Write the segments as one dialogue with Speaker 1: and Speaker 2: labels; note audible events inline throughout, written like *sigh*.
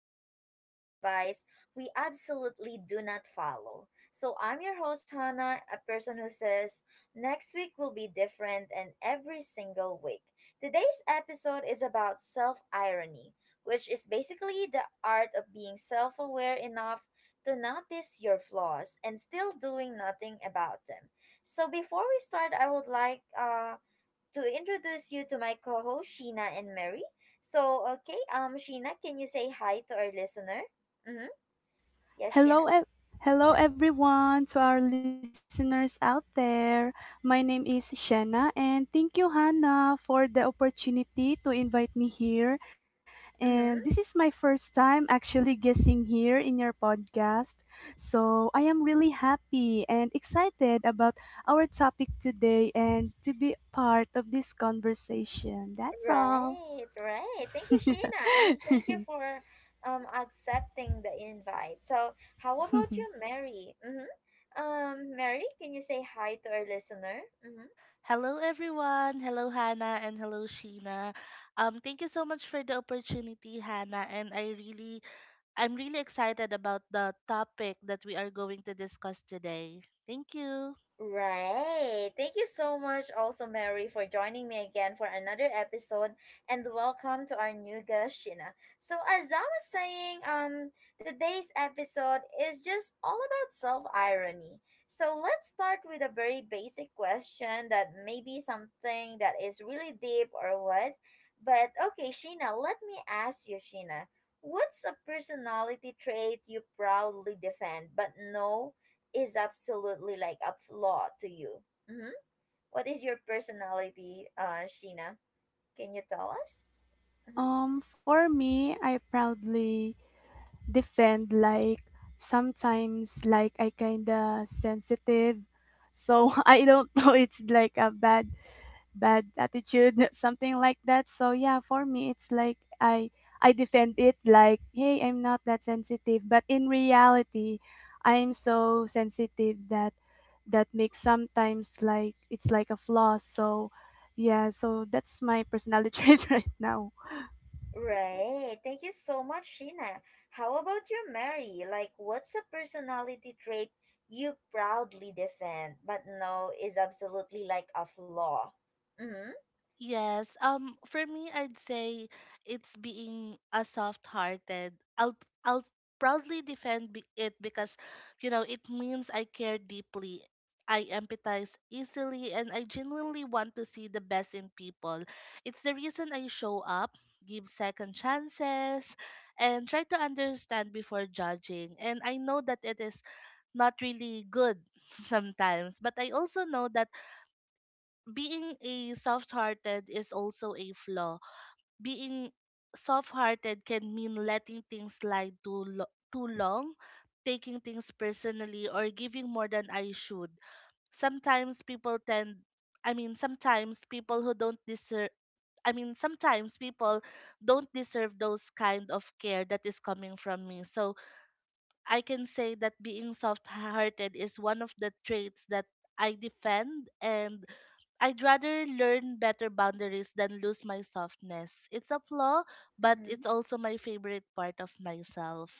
Speaker 1: where we give advice we absolutely do not follow. So, I'm your host, Hannah, a person who says next week will be different, and every single week. Today's episode is about self irony, which is basically the art of being self aware enough to notice your flaws and still doing nothing about them. So, before we start, I would like to introduce you to my co-host Sheena and Mary. So, okay, Sheena, can you say hi to our listener? Mm-hmm. Yes, Sheena.
Speaker 2: Hello, ev- Hello everyone to our listeners out there. My name is Shanna and thank you Hannah for the opportunity to invite me here. And this
Speaker 1: Mm-hmm.
Speaker 2: is my first time actually guessing here in your podcast. So, I am really happy and excited about our topic today and to be part of this conversation. That's all.
Speaker 1: Right,
Speaker 2: *laughs*
Speaker 1: right. Thank you, Sheena. I mean, thank you
Speaker 2: *laughs*
Speaker 1: for accepting the invite. So, how about you, Mary? Mm-hmm. Mary, can you say hi to our listener? Mm-hmm.
Speaker 3: Hello, everyone. Hello, Hannah, and hello, Sheena. Thank you so much for the opportunity, Hannah. And I'm really excited about the topic that we are going to discuss today. Thank you.
Speaker 1: Right. Thank you so much, also, Mary, for joining me again for another episode. And welcome to our new guest, Sheena. So, as I was saying, today's episode is just all about self irony. So, let's start with a very basic question that may be something that is really deep or what. But, okay, Sheena, let me ask you, Sheena, what's a personality trait you proudly defend but no, is absolutely like a flaw to you? Mm-hmm. What is your personality, Sheena? Can you tell us? Mm-hmm.
Speaker 2: For me, I proudly defend like sometimes like I kinda sensitive. So, *laughs* I don't know, it's like a bad attitude, *laughs* something like that. So yeah, for me it's like I defend it like, hey, I'm not that sensitive, but in reality I'm so sensitive that makes sometimes like it's like a flaw. So yeah, so that's my personality *laughs* trait right now.
Speaker 1: Right. Thank you so much, Sheena. How about you, Mary? Like, what's a personality trait you proudly defend, but no, is absolutely like a flaw?
Speaker 3: Yes. For me I'd say it's being a soft-hearted. I'll I'll proudly defend it because you know it means I care deeply. I empathize easily and I genuinely want to see the best in people. It's the reason I show up, give second chances, and try to understand before judging. And I know that it is not really good *laughs* sometimes, but I also know that being a soft-hearted is also a flaw. Being soft-hearted can mean letting things slide too long, taking things personally, or giving more than I should. Sometimes people tend, I mean, sometimes people who don't deserve. I mean, sometimes people don't deserve those kind of care that is coming from me. So I can say that being soft hearted is one of the traits that I defend and I'd rather learn better boundaries than lose my softness. It's a flaw, but
Speaker 1: Mm-hmm.
Speaker 3: it's also my favorite part of myself.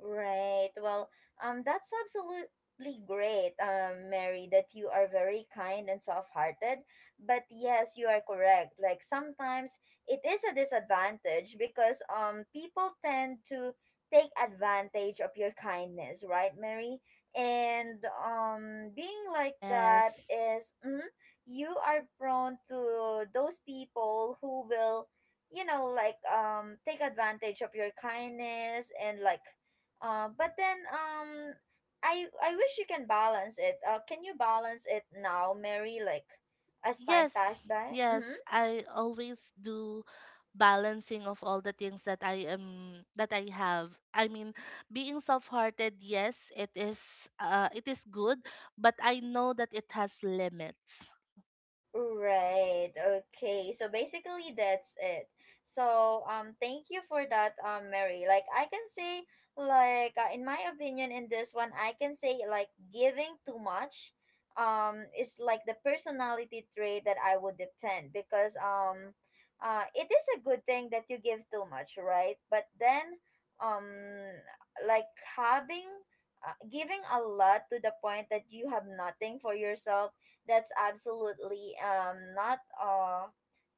Speaker 1: Right. Well, that's absolutely great, Mary, that you are very kind and soft-hearted. But yes, you are correct. Like sometimes it is a disadvantage because people tend to take advantage of your kindness, right, Mary? And being like
Speaker 3: Yes.
Speaker 1: that is you are prone to those people who will, take advantage of your kindness, and like but then I wish you can balance it. Can you balance it now, Mary? Like as time
Speaker 3: Yes.
Speaker 1: passed by?
Speaker 3: Yes,
Speaker 1: Mm-hmm.
Speaker 3: I always do balancing of all the things that I am that I have. I mean, being soft-hearted, yes, it is good, but I know that it has limits.
Speaker 1: Right. Okay. So basically that's it. So thank you for that, Mary. Like I can say like in my opinion, in this one I can say like giving too much is like the personality trait that I would defend, because it is a good thing that you give too much, right? But then um like having giving a lot to the point that you have nothing for yourself, that's absolutely not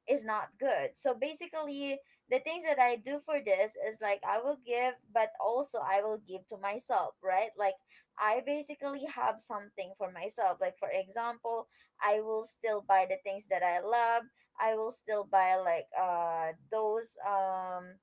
Speaker 1: is not good. So basically the things that I do for this is like I will give, but also I will give to myself, right? Like I basically have something for myself. Like for example, I will still buy the things that I love. I will still buy like those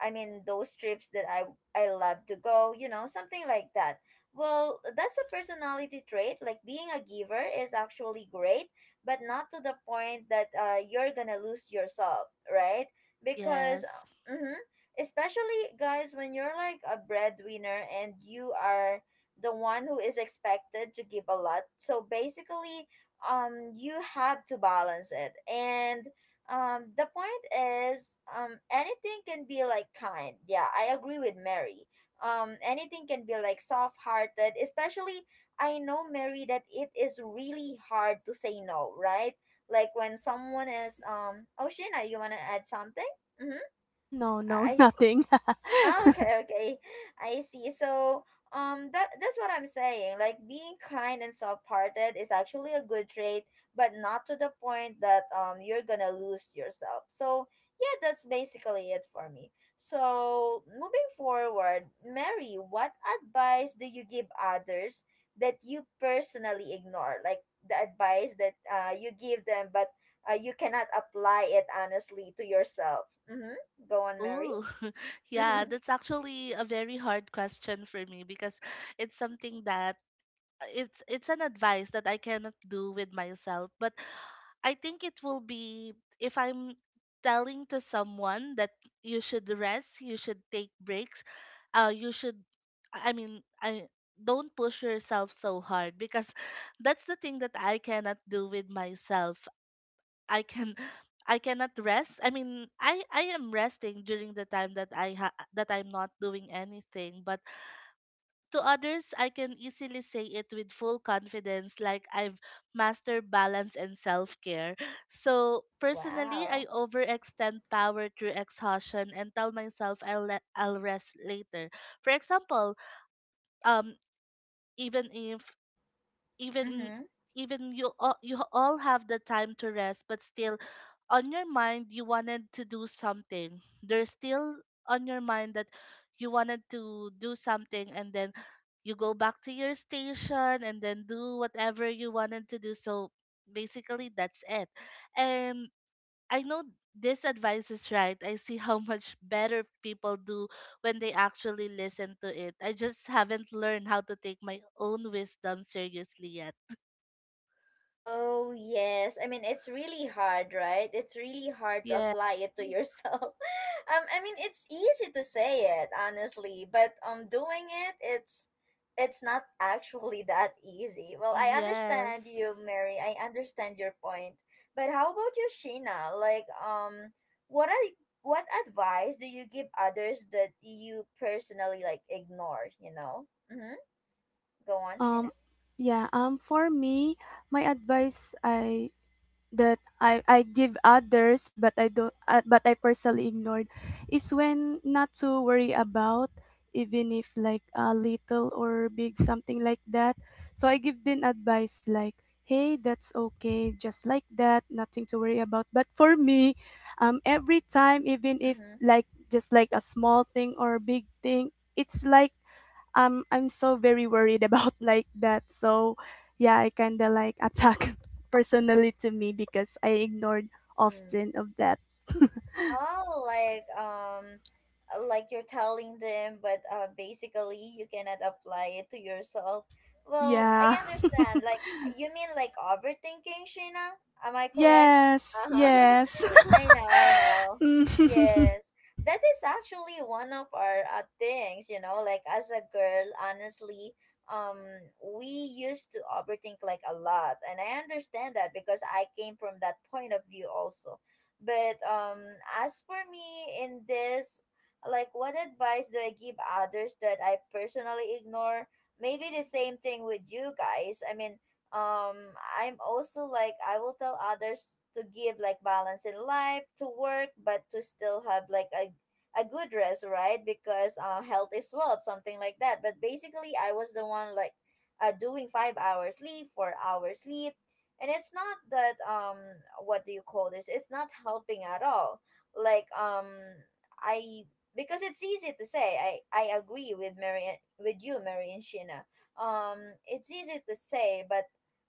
Speaker 1: I mean, those trips that I love to go, you know, something like that. Well, that's a personality trait. Like being a giver is actually great, but not to the point that you're gonna lose yourself, right? Because,
Speaker 3: Yes.
Speaker 1: mm-hmm, especially guys, when you're like a breadwinner and you are the one who is expected to give a lot, so basically, you have to balance it, and the point is, anything can be like kind, yeah, I agree with Mary. Anything can be like soft hearted, especially I know, Mary, that it is really hard to say no, right? Like when someone is oh, Shina, you want to add something? Mm-hmm.
Speaker 2: No, no, no,
Speaker 1: i I s-
Speaker 2: nothing. *laughs*
Speaker 1: Ah, okay, okay. I see. So, that's what I'm saying. Like being kind and soft-hearted is actually a good trait, but not to the point that you're gonna lose yourself. So, yeah, that's basically it for me. So, moving forward, Mary, what advice do you give others that you personally ignore? Like the advice that you give them, but you cannot apply it honestly to yourself. Mm-hmm. Go on, Mary. *laughs*
Speaker 3: Ooh, *laughs* yeah, that's actually a very hard question for me because it's something that it's an advice that I cannot do with myself, but I think it will be if I'm telling to someone that you should rest, you should take breaks, you should I mean, I don't push yourself so hard because *laughs* that's the thing that I cannot do with myself. I can *sighs* I cannot rest. I mean, I am resting during the time that that I'm not doing anything, but to others I can easily say it with full confidence like I've mastered balance and self-care. *sighs* So, personally, I
Speaker 1: Wow.
Speaker 3: overextend power through exhaustion and tell myself I'll rest later. For example, um even if even
Speaker 1: Mm-hmm.
Speaker 3: even you all have the time to rest but still on your mind you wanted to do something there's still on your mind that you wanted to do something and then you go back to your station and then do whatever you wanted to do so basically that's it and I know this advice is right. I see how *laughs* much better people do when they actually listen to it. I just haven't learned how to take my own wisdom seriously.
Speaker 1: Oh, yes. I mean, it's really hard, right? It's really hard to
Speaker 3: Yeah.
Speaker 1: apply it to yourself. *laughs* I mean, it's easy to say it, honestly, but doing it, it's not actually that easy. Well, I
Speaker 3: Yes.
Speaker 1: understand you, Mary. I understand your point. But how about you, Sheena? Like, what ad- what advice do you give others that you personally like ignore? You know. Mm-hmm. Go on,
Speaker 2: Um,
Speaker 1: Sheena.
Speaker 2: yeah. For me, my advice I that I give others, but I don't, but I personally ignored is when not to worry about, even if like a little or big, something like that. So I give them advice like, hey, that's okay, just like that, nothing to worry about. But for me, every time, even if
Speaker 1: Mm-hmm.
Speaker 2: like just like a small thing or big thing, it's like I'm so very worried *laughs* about like that. So yeah, I kinda like attack *laughs* personally to me because I ignored often of that.
Speaker 1: Oh, like you're telling them, but basically you cannot apply it to yourself. Well, I
Speaker 2: Yeah. *laughs*
Speaker 1: understand. Like you mean like overthinking, Sheena? Am I correct?
Speaker 2: Yes.
Speaker 1: Uh-huh.
Speaker 2: Yes. *laughs*
Speaker 1: *laughs* I know, I know.
Speaker 2: Mm.
Speaker 1: Yes.
Speaker 2: *laughs*
Speaker 1: That is actually one of our things, you know, like as a girl, honestly, um we used to overthink like a lot, and I understand that because I came from that point of view also. But as for me in this, like what advice do I give others that I personally ignore? Maybe the same thing with you guys. I mean, um I'm also like, I will tell others to give like balance in life to work, but to still have like a good rest, right? Because health is wealth, something like that. But basically I was the one like doing 5 hours sleep, 4 hours sleep, and it's not that what do you call this, it's not helping at all. Like I because it's easy to say, I agree with Mary, with you, Mary and Sheena. um it's easy to say, but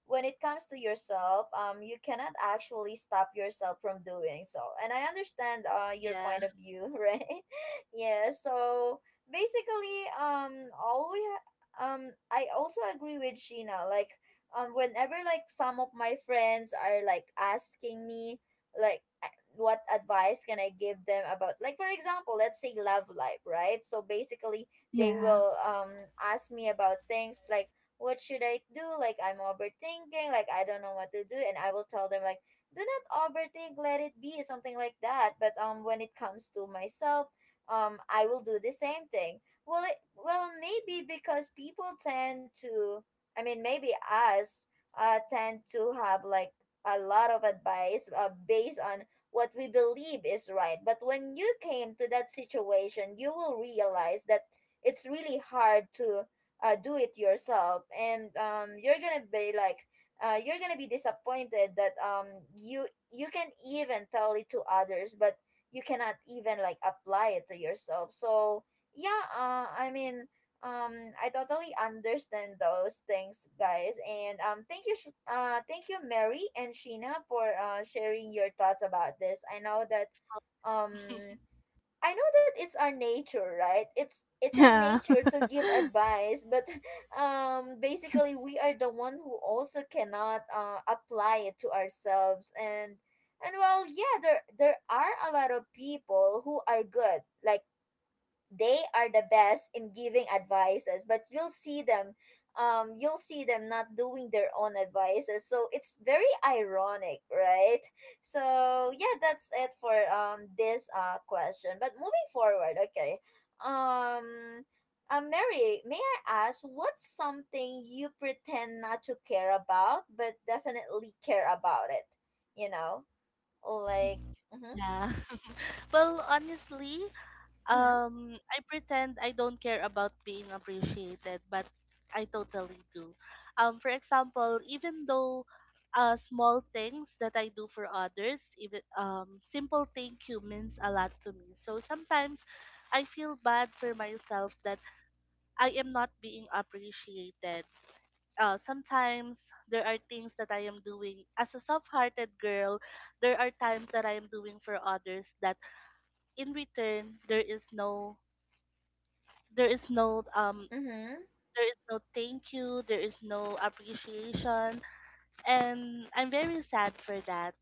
Speaker 1: when it comes to yourself, you cannot actually stop yourself from doing so. And I understand your
Speaker 3: Yeah.
Speaker 1: point of view, *laughs* right? Yeah. So basically, I also agree with Sheena. Like, whenever like some of my friends are like asking me, like what advice can I give them about, like, for example, let's say love life, right? So basically, they
Speaker 2: Yeah.
Speaker 1: will ask me about things like what should I do? Like I'm overthinking, like I don't know what to do, and I will tell them like do not overthink, let it be, something like that. But when it comes to myself, I will do the same thing. Well, it well maybe because people tend to, I mean maybe us tend to have like a lot of advice based on what we believe is right. But when you came to that situation, you will realize that it's really hard to do it yourself, and you're gonna be like, you're gonna be disappointed that you you can even tell it to others, but you cannot even like apply it to yourself. So yeah, I mean, I totally understand those things, guys, and thank you, thank you, Mary and Sheena, for sharing your thoughts about this. I know that um I know that it's our nature, right? It's our
Speaker 2: Yeah.
Speaker 1: nature to give
Speaker 2: *laughs*
Speaker 1: advice, but *laughs* basically we are the one who also cannot apply it to ourselves. And well, yeah, there are a lot of people who are good. Like they are the best in giving advices, but you'll see them, you'll see them not doing their own advices. So it's very ironic, right? So yeah, that's it for this question. But moving forward, okay, um Mary, may I ask, what's something you pretend not to care about but definitely care about it? You know, like, mm-hmm,
Speaker 3: Yeah. *laughs* Well, honestly,
Speaker 1: mm-hmm,
Speaker 3: I pretend I don't care about being appreciated, but I totally do. For example, even though small things that I do for others, even simple thank you means a lot to me. So sometimes I feel bad for myself that I am not being appreciated. Sometimes there are things that I am doing as a soft-hearted girl. There are times that I am doing for others that in return there is no there is no um
Speaker 1: mm-hmm.
Speaker 3: there is no thank you, there is no appreciation, and I'm very sad for that.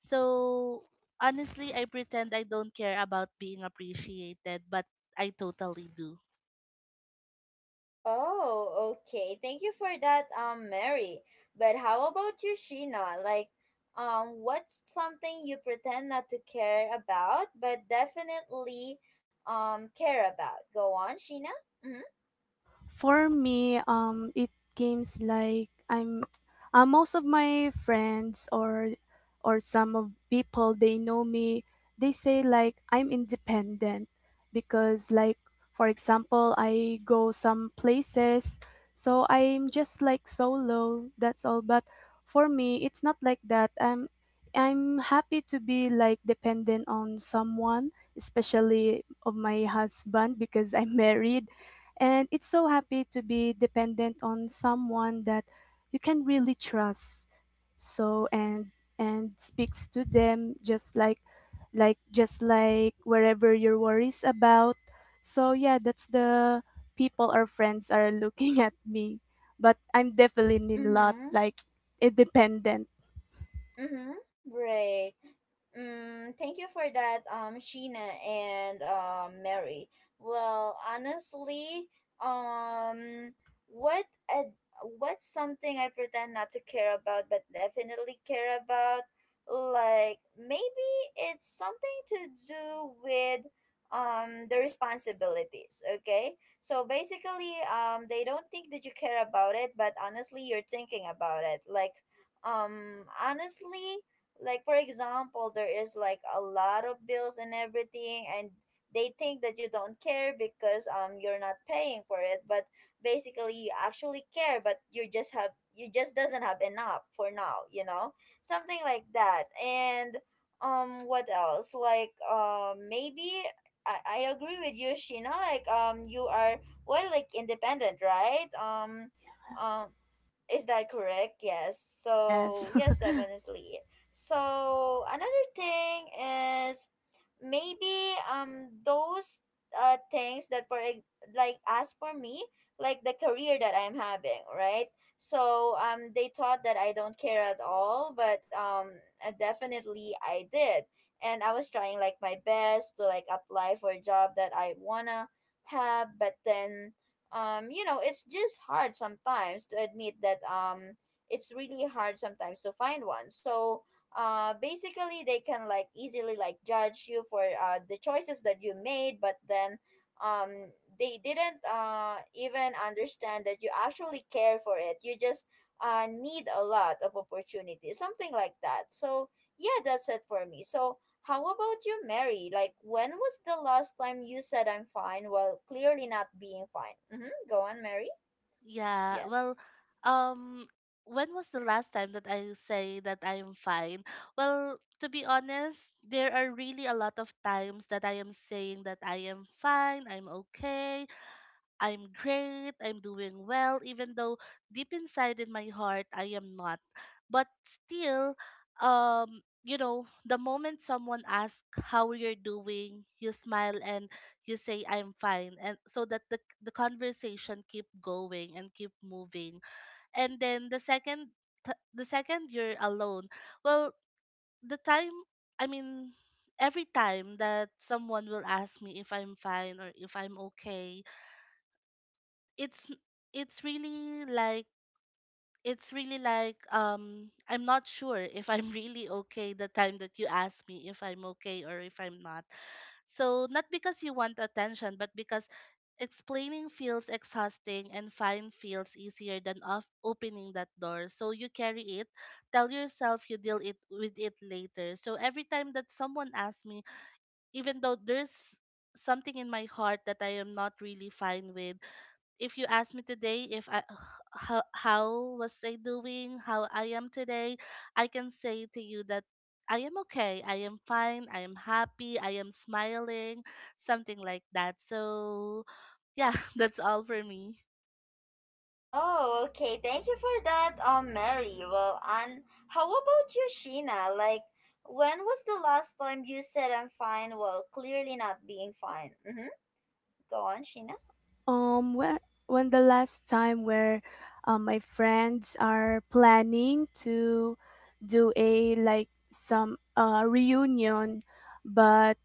Speaker 3: So honestly, I pretend I don't care about being appreciated, but I totally do.
Speaker 1: Oh, okay. Thank you for that, Mary. But how about you, Sheena? Like, what's something you pretend not to care about, but definitely, care about? Go on, Sheena. Mm-hmm.
Speaker 2: For me, it games like most of my friends or some of people they know me. They say like I'm independent because like for example I go some places, so I'm just like solo. That's all. But for me, it's not like that. I'm happy to be like dependent on someone, especially of my husband because I'm *laughs* married, and it's so happy to be dependent on someone that you can really trust, so, and speaks to them just like just like wherever your worries about. So yeah, that's the people or friends are looking *laughs* at me, but I'm definitely not
Speaker 1: Mm-hmm.
Speaker 2: like independent.
Speaker 1: Mm-hmm. Right. Mm, thank you for that, Sheena, and Mary. Well, honestly, um, what ad- what's something I pretend not to care about but definitely care about? Like maybe it's something to do with the responsibilities. Okay, so basically, they don't think that you care about it, but honestly, you're thinking about it. Like honestly, like for example, there is like a lot of bills and everything, and they think that you don't care because you're not paying for it, but basically you actually care, but you just doesn't have enough for now, you know, something like that. And what else, like maybe I agree with you, Sheena, like you are, well, like independent, right? Um is that correct? Yes. So,
Speaker 2: Yes.
Speaker 1: yes, definitely. So, another thing is maybe those things that for ex- like as for me, like the career that I'm having, right? So, they thought that I don't care at all, but definitely I did. And I was trying like my best to like apply for a job that I wanna have, but then you know it's just hard sometimes to admit that it's really hard sometimes to find one. So basically they can like easily like judge you for the choices that you made, but then um they didn't even understand that you actually care for it, you just need a lot of opportunities, something like that. So yeah, that's it for me. So how about you, Mary? Like, when was the last time you said I'm fine while clearly not being fine? Mm-hmm. Go on, Mary.
Speaker 3: Yeah,
Speaker 1: Yes.
Speaker 3: well, um, when was the last time that I say that I am fine? Well, to be honest, there are really a lot of times that I am saying that I am fine, I'm okay, I'm great, I'm doing well, even though deep inside in my heart I am not. But still, the moment someone asks how you're doing, you smile and you say I'm fine, and so that the conversation keep going and keep moving. And then the second the second you're alone, well, the time I mean every time that someone will ask me if I'm fine or if I'm okay, it's it's really like I'm not sure if I'm *laughs* really okay the time that you ask me if I'm okay or if I'm not. So not because you want attention, but because explaining feels exhausting and fine feels easier than off opening that door. So you carry it, tell yourself you deal it with it later. So every time that someone asks me, even though there's something in my heart that I am not really fine with, if you ask me today if I how was I doing, how I am today, I can say to you that I am okay. I am fine. I am happy. I am smiling, something like that. So, yeah, *laughs* that's all for me.
Speaker 1: Oh, okay. Thank you for that, Mary. Well, and how about you, Sheena? Like, when was the last time you said I'm fine while clearly not being fine? Mm-hmm. Go on, Sheena.
Speaker 2: Um, when when the last time where my friends are planning to do a like some reunion, but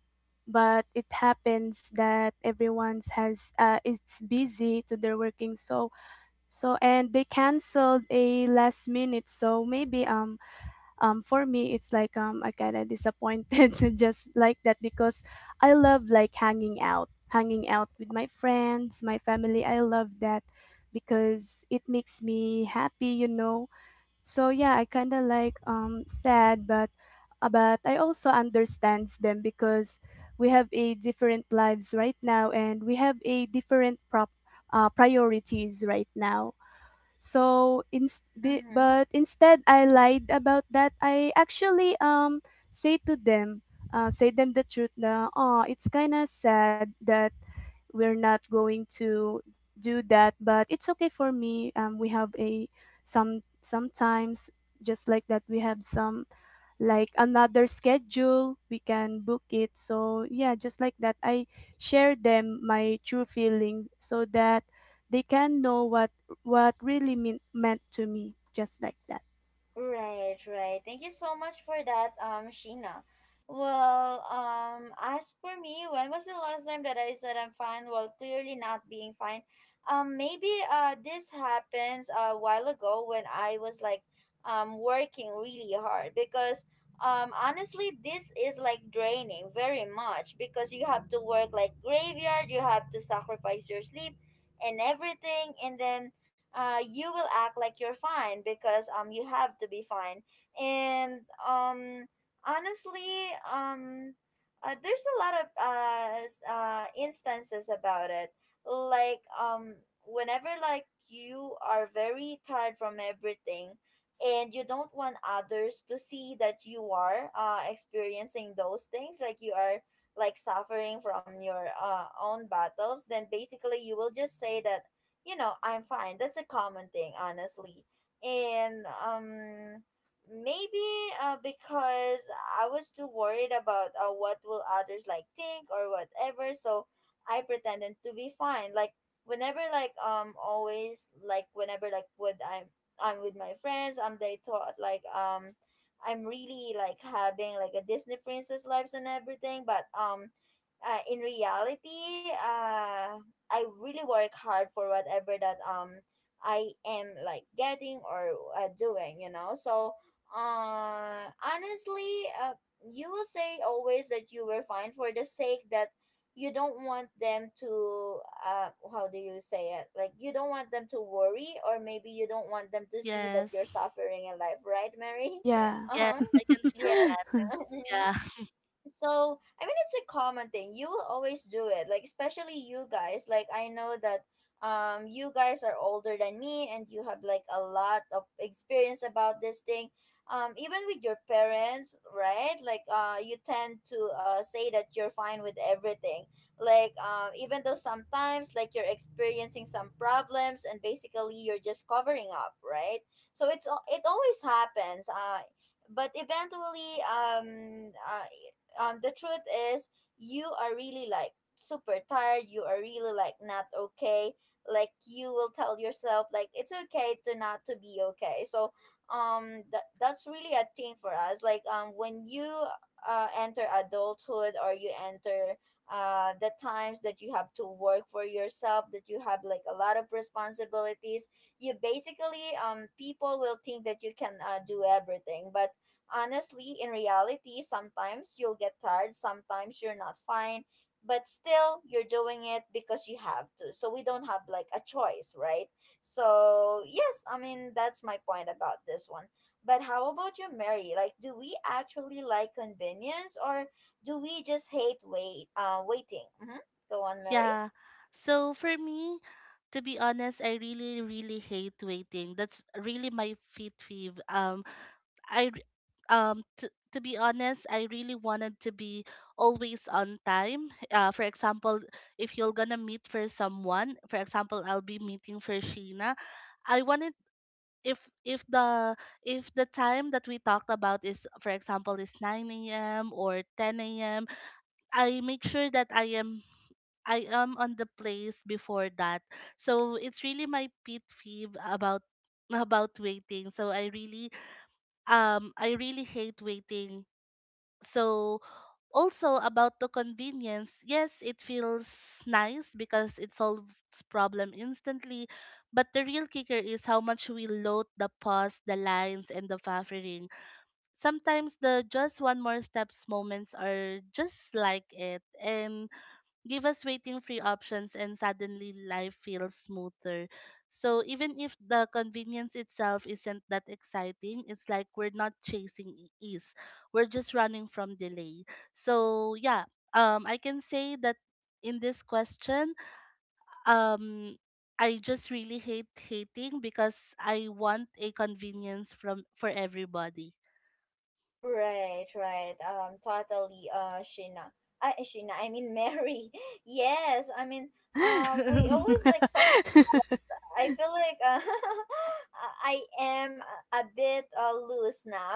Speaker 2: but it happens that everyone's has, it's busy to their working, so so, and they canceled a last minute. So maybe, for me it's like, I kind of disappointed *laughs* just like that, because I love like hanging out with my friends, my family, I love that because it makes me happy. So yeah, I kind of like, sad, but, but I also understands them because we have a different lives right now and we have a different prop priorities right now. So
Speaker 1: Mm-hmm.
Speaker 2: but instead I lied about that. I actually say to them, say them the truth na, oh, it's kind of sad that we're not going to do that, but it's okay for me. We have a sometimes just like that. We have some like another schedule, we can book it. So yeah, just like that I share them my true feelings so that they can know what really meant to me, just like that.
Speaker 1: Right, right. Thank you so much for that, Sheena. Well, as for me, when was the last time that I said I'm fine? Well, clearly not being fine. Maybe this happens a while ago when I was like, working really hard because, honestly, this is like draining very much because you have to work like graveyard, you have to sacrifice your sleep and everything, and then you will act like you're fine because you have to be fine. And um honestly, there's a lot of instances about it. Like whenever like you are very tired from everything and you don't want others to see that you are experiencing those things, like you are like suffering from your own battles, then basically you will just say that you know, I'm fine. That's a common thing, honestly. And maybe because I was too worried about what will others like think or whatever, so I pretended to be fine. Like whenever like always like whenever like when I'm with my friends, they thought like I'm really like having like a Disney princess lives and everything, but in reality, I really work hard for whatever that I am like getting or doing, you know. So, honestly, you will say always that you were fine for the sake that you don't want them to how do you say it, like you don't want them to worry, or maybe you don't want them to see
Speaker 3: Yes.
Speaker 1: that you're suffering in life, right, Mary?
Speaker 2: Yeah.
Speaker 1: *laughs*
Speaker 3: Yes,
Speaker 1: Uh-huh.
Speaker 3: I can feel
Speaker 1: Yeah.
Speaker 3: that.
Speaker 2: *laughs*
Speaker 1: *laughs*
Speaker 3: Yeah.
Speaker 1: So, I mean, it's a common thing. You will always do it. Like, especially you guys. Like, I know that you guys are older than me and you have like a lot of experience about this thing. Even with your parents, right? Like, you tend to say that you're fine with everything. Like, even though sometimes like you're experiencing some problems and basically you're just covering up, right? So it always happens. But eventually the truth is you are really like super tired, you are really like not okay. Like you will tell yourself like it's okay to not to be okay. So that's really a thing for us, like when you enter adulthood or you enter the times that you have to work for yourself, that you have like a lot of responsibilities, you basically people will think that you can do everything, but honestly, in reality, sometimes you'll get tired, sometimes you're not fine, but still you're doing it because you have to. So we don't have like a choice, right? So, yes, I mean, that's my point about this one. But how about you, Mary? Like, do we actually like convenience or do we just hate waiting? Mm-hmm. Go on, Mary.
Speaker 3: Yeah. So for me, to be honest, I really, really hate waiting. That's really my fit peeve. I r- um t- to be honest, I really wanted to be always on time. For example, if you're gonna meet for someone, for example, I'll be meeting for Sheena. I wanted if if the if the time that we talked about is for example is 9 a.m. or 10 a.m. I make sure that I am on the place before that. So it's really my pet peeve about *laughs* about waiting. So I really hate waiting. So also about the convenience, yes, it feels nice because it solves problem instantly, but the real kicker is how much we load the pause, the lines, and the buffering. Sometimes the just one more steps moments are just like it, and give us waiting free options and suddenly life feels smoother. So even if the convenience itself isn't that exciting, it's like we're not chasing ease. We're just running from delay. So yeah, I can say that in this question, um I just really hate hating because I want a convenience from for everybody.
Speaker 1: Right, right. Totally. Mary. *laughs* Yes. I mean,
Speaker 3: Yeah.
Speaker 1: we
Speaker 3: *laughs*
Speaker 1: always like I feel like *laughs* I am a bit loose now.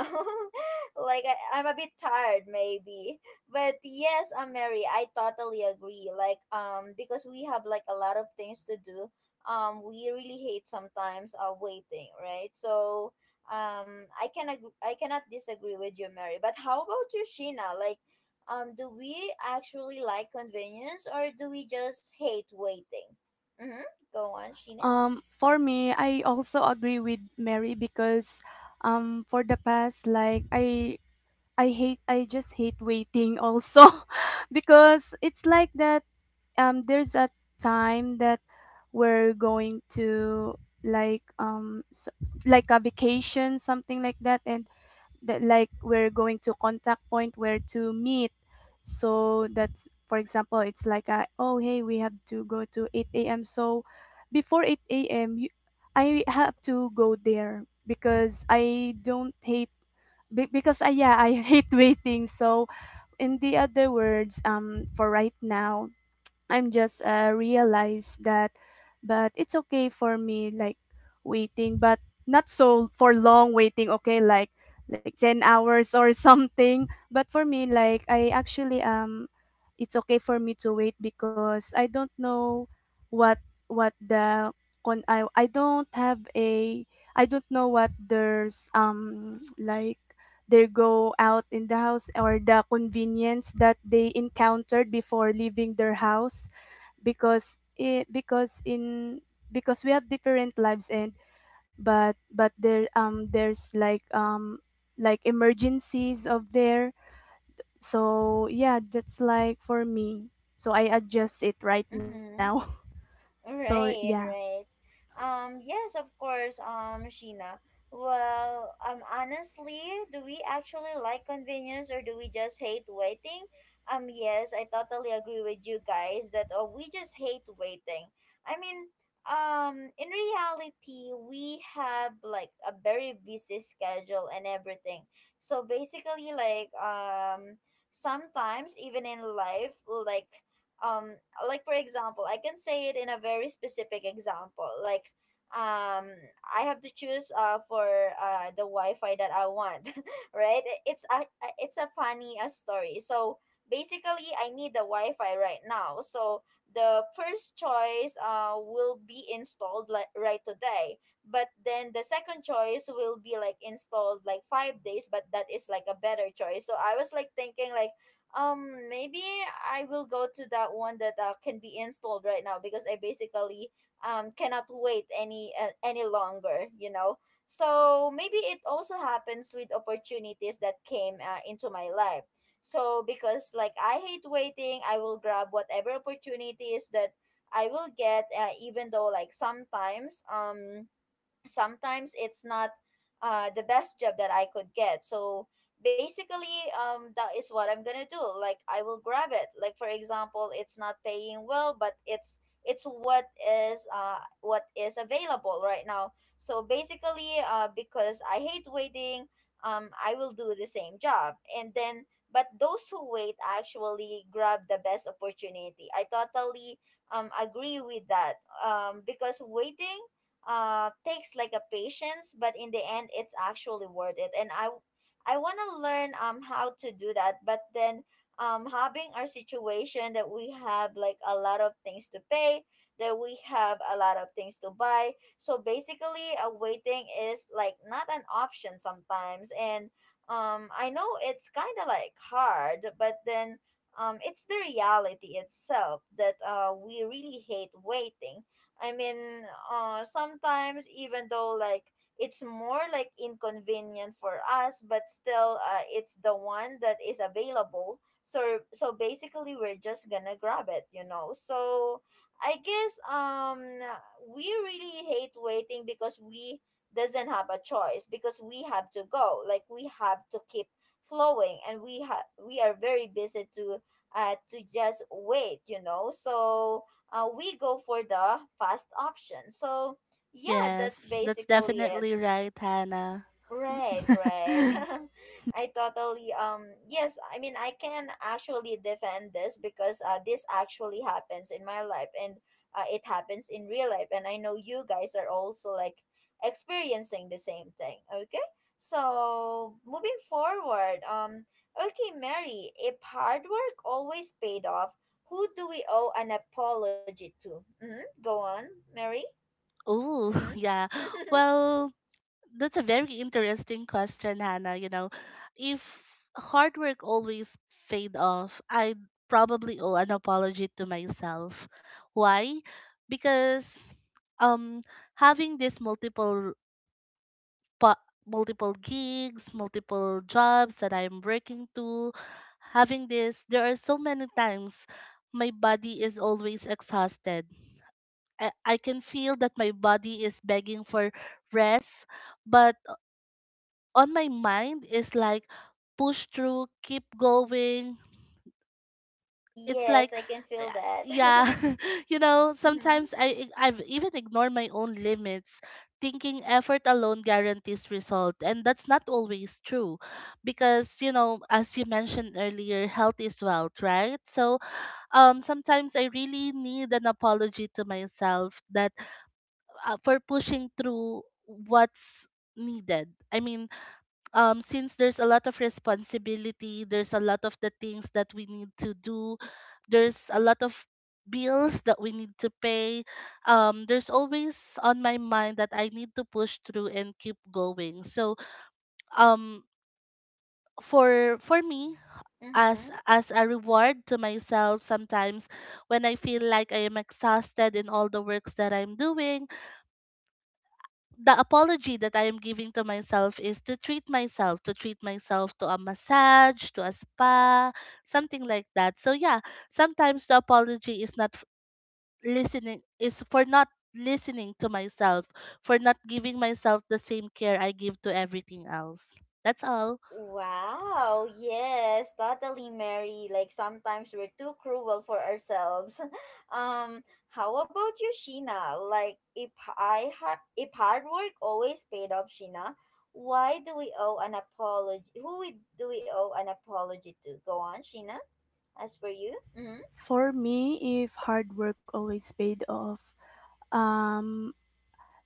Speaker 1: *laughs* Like I'm a bit tired maybe. But yes, Mary, I totally agree. Like because we have like a lot of things to do. We really hate sometimes waiting, right? So I cannot disagree with you, Mary. But how about you, Sheena? Like do we actually like convenience or do we just hate waiting? Mhm. Go on, Sheena.
Speaker 2: For me, I also agree with Mary because, for the past, like I just hate waiting also, *laughs* because it's like that. There's a time that we're going to like s like a vacation, something like that, and that like we're going to contact point where to meet. So, that's for example, it's like a, oh hey, we have to go to 8 a.m, so before 8 a.m I have to go there because I don't hate because yeah, I *laughs* hate waiting. So, in the other words, for right now, I'm just, realized that, but it's okay for me like waiting, but not so for long waiting. Okay, like 10 hours or *laughs* something. But for me, like I actually, it's okay for me to wait because I don't know what the con, I don't have a, I don't know what there's, *tsk* like they go out in the house or the convenience that they encountered before leaving their house, because it because in because we have different lives. And but there, there's like, like emergencies of there. So yeah, that's like for me, so I adjust it right now.
Speaker 1: Mm-hmm.
Speaker 2: *laughs* So yeah.
Speaker 1: Right, right. Yes, of course, Sheena. Well, honestly, do we actually like convenience or do we just hate waiting? Yes, I totally agree with you guys that we just hate waiting. I mean, in reality, we have like a very busy schedule and everything. So basically, like, sometimes even in life, um like for example I can say it in a very specific example, like um I have to choose for the wi-fi that I want. *laughs* Right, it's it's a funny story. So basically I need the wi-fi right now. So the first choice will be installed like right today, but then the second choice will be like installed like 5 days, but that is like a better choice. So I was like thinking like maybe I will go to that one that can be installed right now, because I basically cannot wait any longer, you know. So maybe it also happens with opportunities that came into my life. So because like I hate waiting, I will grab whatever opportunities that I will get, even though like sometimes sometimes it's not the best job that I could get. So basically, that is what I'm gonna do. Like I will grab it. Like for example, it's not paying well, but it's what is available right now. So basically, because I hate waiting, I will do the same job, and then. But those who wait actually grab the best opportunity. I totally agree with that, because waiting takes like a patience, but in the end it's actually worth it, and I want to learn how to do that, but then having our situation that we have like a lot of things to pay, that we have a lot of things to buy. So basically waiting is like not an option sometimes, and I know it's kind of like hard, but then it's the reality itself that we really hate waiting. I mean, sometimes even though like it's more like inconvenient for us, but still, it's the one that is available. So basically, we're just gonna grab it, you know. So I guess we really hate waiting because we doesn't have a choice, because we have to go. Like we have to keep flowing, and we are very busy to just wait, you know. So we go for the fast option. So, yeah,
Speaker 3: Yes,
Speaker 1: that's
Speaker 3: that's
Speaker 1: basically it.
Speaker 3: definitely right, Hannah.
Speaker 1: Right, right.
Speaker 2: *laughs*
Speaker 1: *laughs* I totally yes, I mean I can actually defend this because this actually happens in my life, and it happens in real life, and I know you guys are also like experiencing the same thing. Okay? So, moving forward, okay, Mary, if hard work always paid off, who do we owe an apology to? Mhm. Go on, Mary.
Speaker 3: Oh,
Speaker 1: Mhm.
Speaker 3: *laughs* yeah.
Speaker 1: *laughs*
Speaker 3: Well, that's a very interesting question, Hannah. You know, if hard work always paid off, I'd probably owe an apology to myself. Why? Because um having this pa- multiple gigs, multiple jobs that I'm working to, having this, there are so many times my body is always exhausted. I can feel that my body is begging for rest, but on my mind is like push through, keep going. It's
Speaker 1: Yes,
Speaker 3: like
Speaker 1: I can
Speaker 3: uh,
Speaker 1: feel that. *laughs*
Speaker 3: yeah, *laughs* you know,
Speaker 1: Mm-hmm.
Speaker 3: sometimes I've even ignored my own limits, thinking effort alone guarantees result, and that's not always true because, you know, as you mentioned earlier, health is wealth, right? So, sometimes I really need an apology to myself that for pushing through what's needed. I mean, since there's a lot of responsibility, there's a lot of the things that we need to do, there's a lot of bills that we need to pay. There's always on my mind that I need to push through and keep going. So um for me, as
Speaker 1: Mm-hmm.
Speaker 3: as a reward to myself, sometimes when I feel like I am exhausted in all the works that I'm doing, the apology that I am giving to myself is to treat myself, to treat myself to a massage, to a spa, something like that. So yeah, sometimes the apology is not f- listening, is for not listening to myself, for not giving myself the same care I give to everything else. That's all.
Speaker 1: Wow, yes, totally, Mary. Like sometimes we're too cruel for ourselves. *laughs* Um, how about you, Sheena? Like if hard work always paid off, Sheena, why do we owe an apology? Who we do we owe an apology to? Go on, Sheena. As for you, mm-hmm.
Speaker 2: For me, if hard work always paid off, um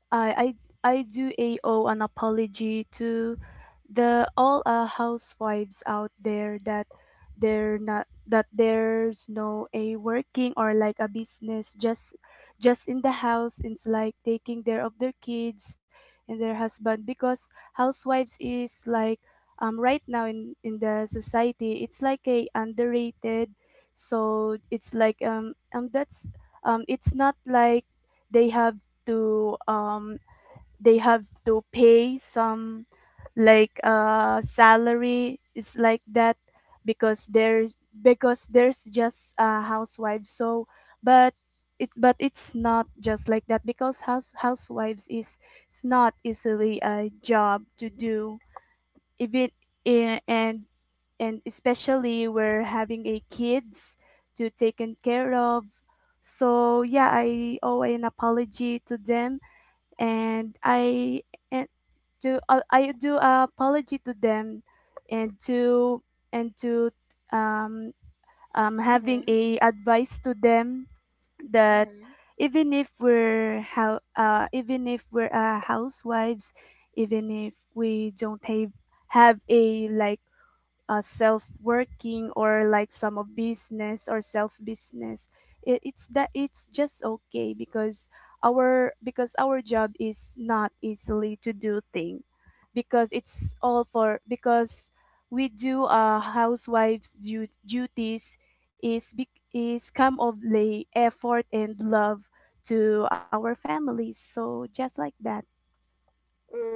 Speaker 2: I I I do a owe an apology to the all, housewives out there, that they're not, that there's no a working or like a business, just in the house, it's like taking care of their kids and their husband. Because housewives is like, right now in the society, it's like a underrated. So it's like, that's it's not like they have to, they have to pay some like, salary is like that, because there's just, housewives. So, but it but it's not just like that, because housewives is, it's not easily a job to do, even in, and and especially we're having a kids to taken care of. So yeah, I owe an apology to them, and I and to, I do a apology to them, and to and to um, um, having
Speaker 1: Mm-hmm.
Speaker 2: a advice to them, that
Speaker 1: Mm-hmm.
Speaker 2: even if we're how even if we're, housewives, even if we don't have a like, self working or like some of business or self business, it's that it's just okay, because our job is not easily to do thing, because it's all for, because we do, housewives duties is is come of lay effort and love to our families, so just like that.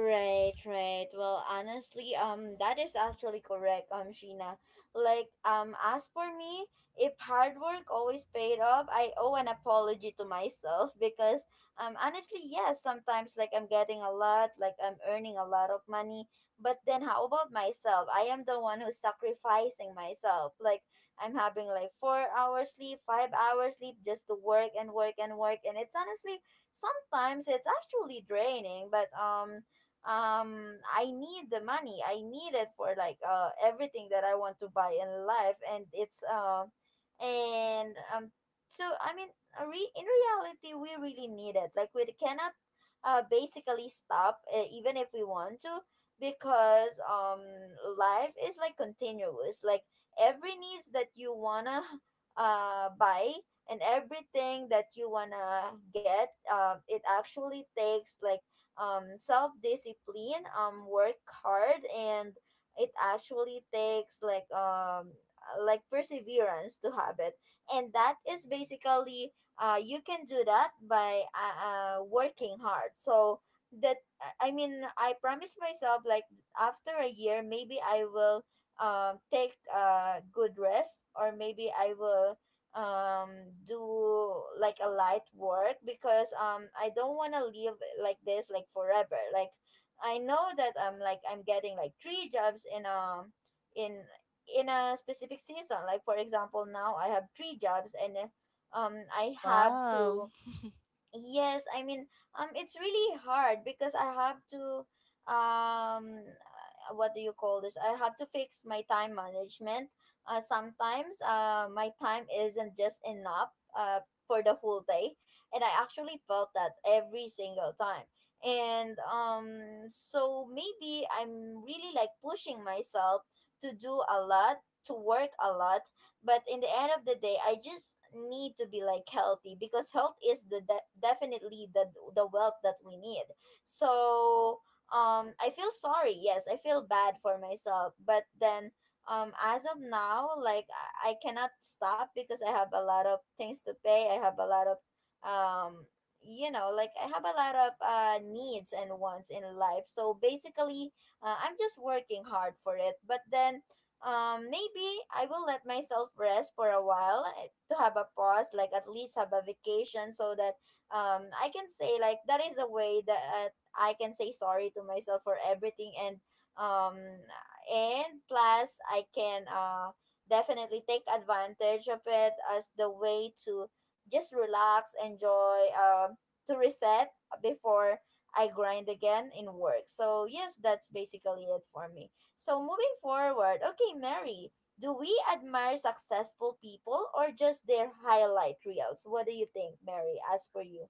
Speaker 1: Right, right. Well, honestly, that is actually correct, Sheena. Like, as for me, if hard work always paid off, I owe an apology to myself *laughs* because, honestly, yes, sometimes like I'm getting a lot, like I'm earning a lot of money, but then how about myself? I am the one who's sacrificing myself. Like, I'm having like 4 hours sleep, 5 hours sleep just to work and work and work, and it's honestly sometimes it's actually draining, but I need the money, I need it for like everything that I want to buy in life, and it's and so I mean in reality we really need it, like we cannot basically stop even if we want to, because life is like continuous, like every needs that you wanna buy and everything that you wanna get it actually takes like self discipline, work hard, and it actually takes like perseverance to have it, and that is basically you can do that by working hard. So that I mean, I promise myself like, after a year maybe I will take a good rest, or maybe I will do like a light work because I don't want to live like this like forever. Like I know that I'm getting like three jobs in in a specific season. Like for example, now I have three jobs and I have
Speaker 3: Wow.
Speaker 1: to. Yes, I mean, it's really hard because I have to, um, what do you call this? I have to fix my time management. Sometimes, my time isn't just enough, uh, for the whole day, and I actually felt that every single time. And so maybe I'm really like pushing myself to do a lot, to work a lot, but in the end of the day I just need to be like healthy because health is definitely the wealth that we need. So I feel sorry. Yes, I feel bad for myself, but then as of now, I cannot stop because I have a lot of things to pay. I have a lot of um like, I have a lot of needs and wants in life, so basically I'm just working hard for it. But then maybe I will let myself rest for a while, eh, to have a pause, like at least have a vacation, so that I can say like that is a way that I can say sorry to myself for everything. And um and plus, I can definitely take advantage of it as the way to just relax, enjoy, to reset before I grind again in work. So yes, that's basically it for me. So moving forward, okay, Mary, do we admire successful people or just their highlight reels? What do you think, Mary? As for you,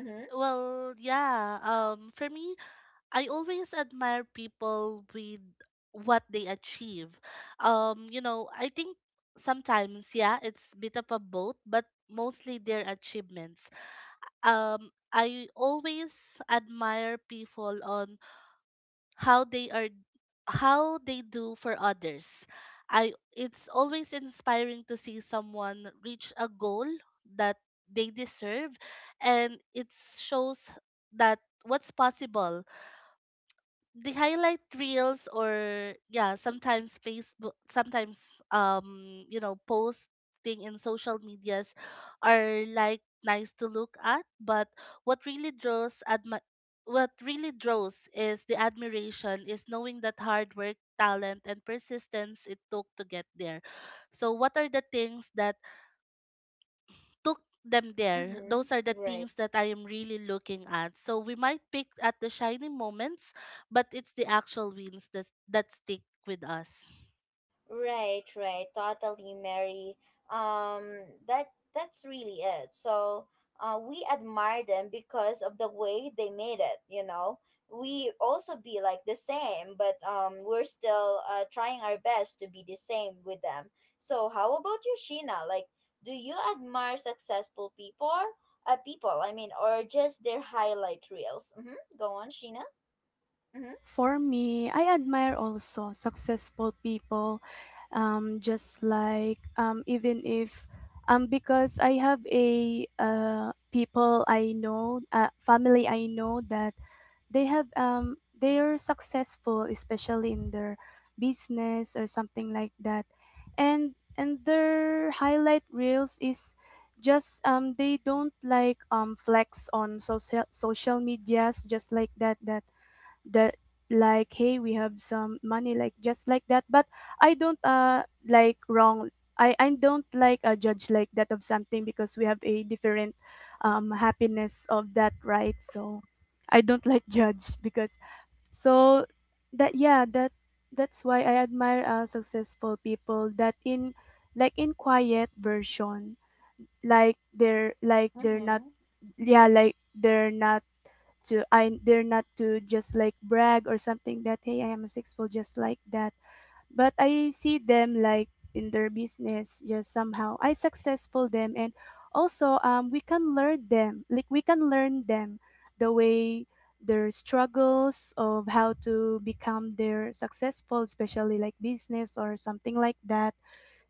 Speaker 1: mm-hmm.
Speaker 3: Well, yeah. For me, I always admire people with what they achieve. I think sometimes, yeah, it's bit of a both, but mostly their achievements. I always admire people on how they are how they do for others. I It's always inspiring to see someone reach a goal that they deserve, and it shows that what's possible, the highlight reels, or yeah, sometimes Facebook, sometimes posting in social medias are like nice to look at, but what really draws admi- what really draws is the admiration is knowing that hard work, talent, and persistence it took to get there. So what are the things that took them there?
Speaker 1: Mm-hmm.
Speaker 3: Those are the
Speaker 1: Right.
Speaker 3: things that I am really looking at. So we might pick at the shiny moments, but it's the actual wins that stick with us.
Speaker 1: Right, right. Totally, Mary. Um, that that's really it. So, we admire them because of the way they made it. You know, we also be like the same, but we're still trying our best to be the same with them. So, how about you, Sheena? Like, do you admire successful people? People, I mean, or just their highlight reels? Mm-hmm. Go on, Sheena. Mm-hmm.
Speaker 2: For me, I admire also successful people, just like, even if because I have a people I know, family I know that they are successful, especially in their business or something like that, and their highlight reels is just, they don't like, flex on social medias, just like that, that like, hey, we have some money, like just like that. But I don't, like, wrong, I don't like a judge like that of something, because we have a different, happiness of that, right? So I don't like *laughs* judge, because, so that yeah that that's why I admire, successful people, that in like in quiet version, like they're not,
Speaker 1: Mm-hmm.
Speaker 2: yeah, like they're not, to I they're not to just like brag or something, that hey, I am a sixful, just like that. But I see them like in their business, just somehow I successful them, and also, we can learn them like we can learn them the way their struggles of how to become their successful, especially like business or something like that.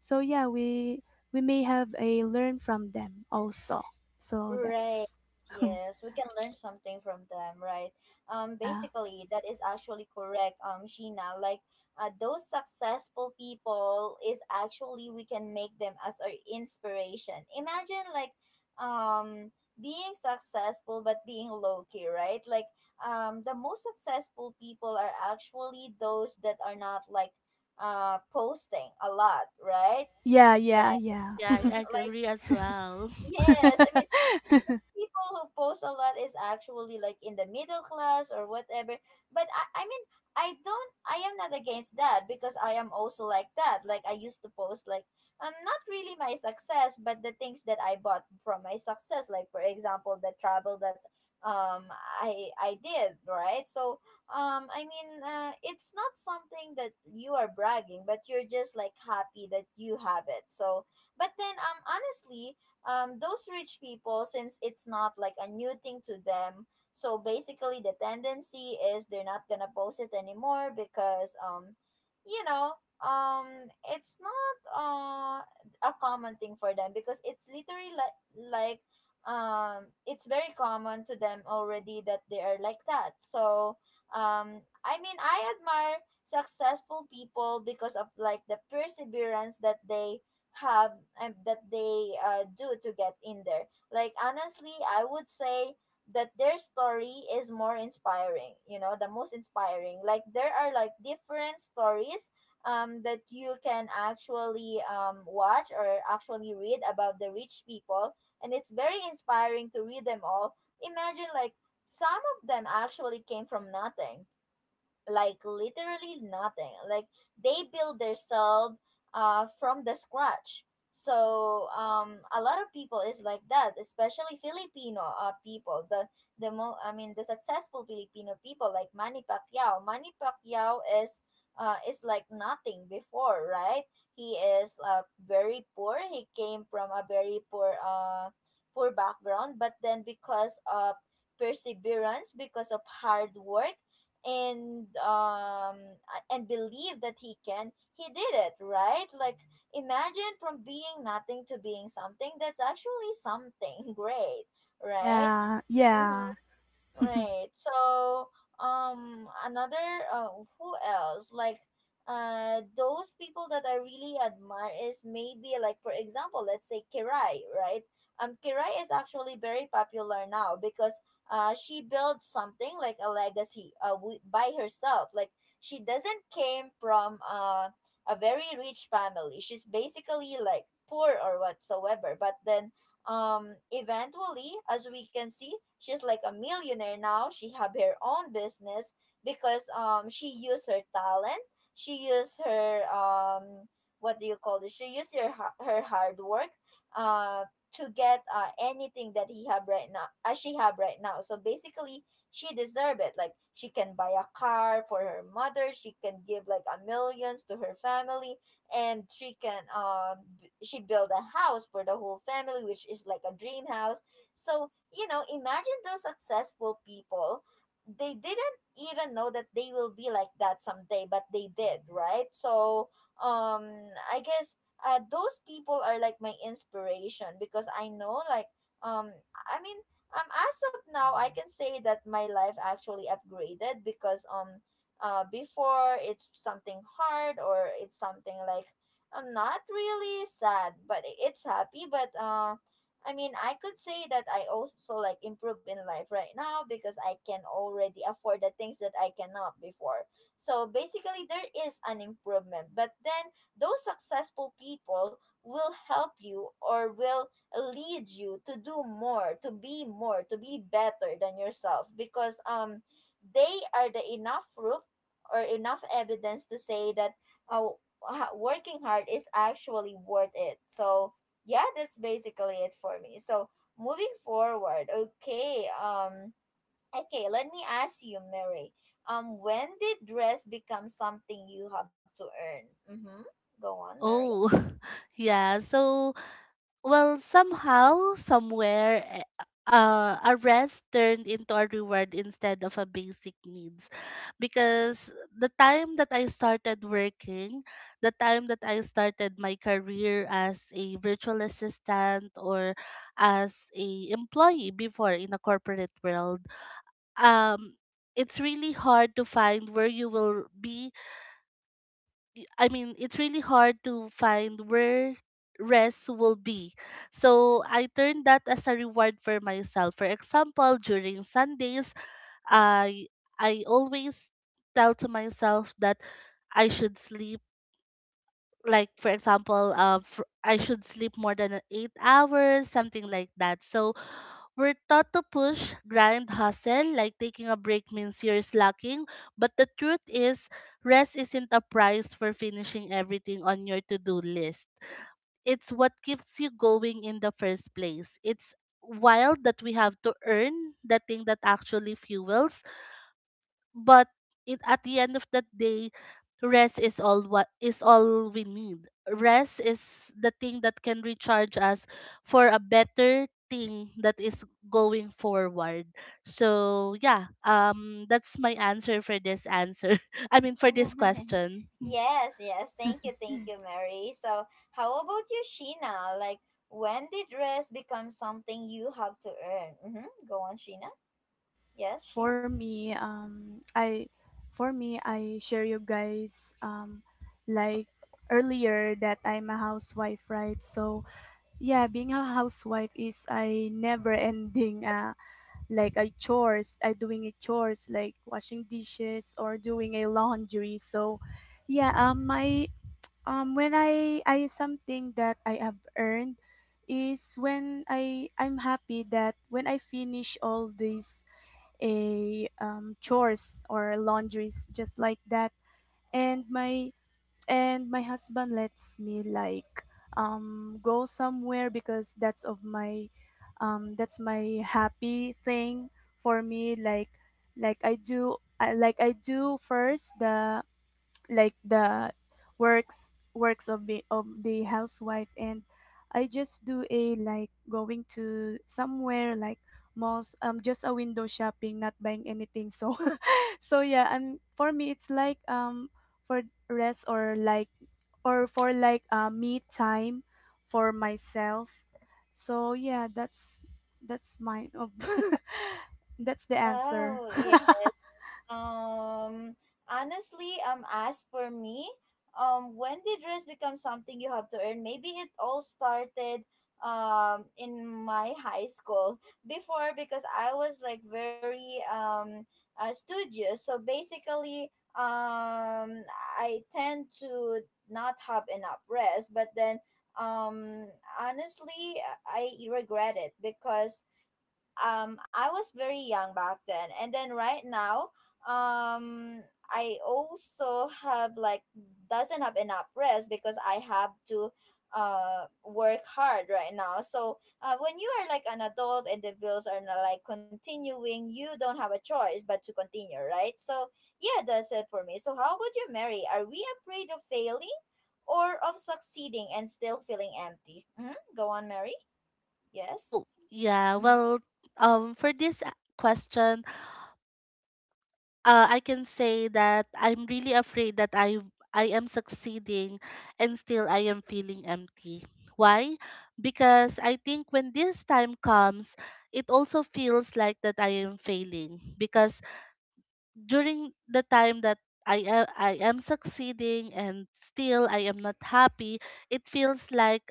Speaker 2: So yeah, we may have a learn from them also, so
Speaker 1: Right.
Speaker 2: that's.
Speaker 1: Yes, we can learn something from them, right?
Speaker 2: *laughs* Yeah.
Speaker 1: Basically, that is actually correct, Sheena. Like, those successful people is actually we can make them as our inspiration. Imagine like, um, being successful but being low key, right? Like, the most successful people are actually those that are not like, posting a lot, right?
Speaker 2: Yeah,
Speaker 1: Right.
Speaker 2: yeah, yeah.
Speaker 3: Yeah, I
Speaker 1: Mhm. Like,
Speaker 3: agree as well. *laughs*
Speaker 1: yes, I mean,
Speaker 2: *laughs*
Speaker 1: people who post a lot is actually like in the middle class or whatever. But I mean, I don't, I am not against that because I am also like that. Like, I used to post like, not really my success, but the things that I bought from my success. Like for example, the travel that um I did, right? So I mean, it's not something that you are bragging, but you're just like happy that you have it. So, but then honestly, those rich people, since it's not like a new thing to them, so basically the tendency is they're not gonna post it anymore because, you know, um, it's not a common thing for them because it's literally like like it's very common to them already that they are like that. So I mean, I admire successful people because of like the perseverance that they have, that they do to get in there. Like honestly, I would say that their story is more inspiring. You know, the most inspiring. Like, there are like different stories that you can actually watch or actually read about the rich people, and it's very inspiring to read them all. Imagine like some of them actually came from nothing, like literally nothing. Like, they build themselves from the scratch. So a lot of people is like that, especially Filipino people. The mo I mean, the successful Filipino people like Manny Pacquiao. Manny Pacquiao is like nothing before, right? He is very poor. He came from a very poor poor background, but then because of perseverance, because of hard work, and um uh, and believe that he can, he did it, right? Like, imagine from being nothing to being something, that's actually something *laughs* great, right?
Speaker 2: Yeah, yeah.
Speaker 1: Right. So, another uh, who else? Like, those people that I really admire is maybe like for example, let's say Kirai, right? Kirai is actually very popular now because she built something like a legacy by herself. Like, she doesn't came from a very rich family. She's basically like poor or whatsoever, but then eventually, as we can see, she's like a millionaire now. She have her own business because she used her talent, she used her what do you call this, she used her her hard work uh to get anything that he have right now, as she have right now. So basically, she deserve it. Like, she can buy a car for her mother, she can give like a millions to her family, and she can she built a house for the whole family, which is like a dream house. So, you know, imagine those successful people, they didn't even know that they will be like that someday, but they did, right? So um I guess those people are like my inspiration because I know like, um I mean, as of now I can say that my life actually upgraded because before it's something hard or it's something like, I'm not really sad, but it's happy, but I mean, I could say that I also like improve in life right now because I can already afford the things that I cannot before. So basically, there is an improvement, but then those successful people will help you or will lead you to do more, to be more, to be better than yourself, because they are the enough proof or enough evidence to say that uh, working hard is actually worth it. So, yeah, that's basically it for me. So, moving forward, okay, okay, let me ask you, Mary, when did dress become something you have to earn? Mm-hmm. Go on, Mary.
Speaker 3: Oh, *laughs* yeah. So well, somehow, somewhere, a rest turned into a reward instead of a basic needs. Because the time that I started working, the time that I started my career as a virtual assistant or as a employee before in a corporate world, um, it's really hard to find where you will be. I mean, it's really hard to find where rest will be. So I turned that as a reward for myself. For example, during Sundays, I I always tell to myself that I should sleep. Like for example, I should sleep more than 8 hours, something like that. So we're taught to push, grind, hustle, like taking a break means you're slacking. But the truth is, rest isn't a prize for finishing everything on your to do list. It's what keeps you going in the first place. It's wild that we have to earn the thing that actually fuels but it, at the end of that day rest is all what is all we need. Rest is the thing that can recharge us for a better thing that is going forward. So yeah, that's my answer for this answer, *laughs* I mean, for this
Speaker 1: *laughs*
Speaker 3: question.
Speaker 1: Yes, yes, thank you, Mary. So, how about you, Sheena? Like, when did dress become something you have to earn? Mm-hmm. Go on, Sheena. Yes, Sheena.
Speaker 2: For me, I share you guys, like earlier that I'm a housewife, right? So yeah, being a housewife is a never ending, like a chores, I doing a chores like washing dishes or doing a laundry. So yeah, my when I something that I have earned is when I'm happy, that when I finish all these, a chores or laundries just like that, and my husband lets me like, go somewhere, because that's of my, that's my happy thing for me, like like I do first the, the works of the housewife, and I just do a like going to somewhere like malls, just a window shopping, not buying anything. So *laughs* so yeah, and for me it's like, for rest or like or for like, me time for myself. So yeah, that's mine of *laughs* that's the answer.
Speaker 1: Oh, yeah.
Speaker 2: *laughs*
Speaker 1: Um, honestly, as for me, when did rest become something you have to earn? Maybe it all started in my high school before because I was like very studious. So basically, um, I tend to not have enough rest, but then um honestly I regret it because I was very young back then, and then right now um I also have like doesn't have enough rest because I have to work hard right now. So when you are like an adult and the bills are not like continuing, you don't have a choice but to continue, right? So yeah, that's it for me. So how about you, Mary? Are we afraid of failing or of succeeding and still feeling empty? Hmm, go on, Mary. Yes.
Speaker 3: Oh, yeah.
Speaker 1: Mm-hmm.
Speaker 3: Well, for this question, I can say that I'm really afraid that I am succeeding and still I am feeling empty. Why? Because I think when this time comes, it also feels like that I am failing because during the time that I am succeeding and still I am not happy, it feels like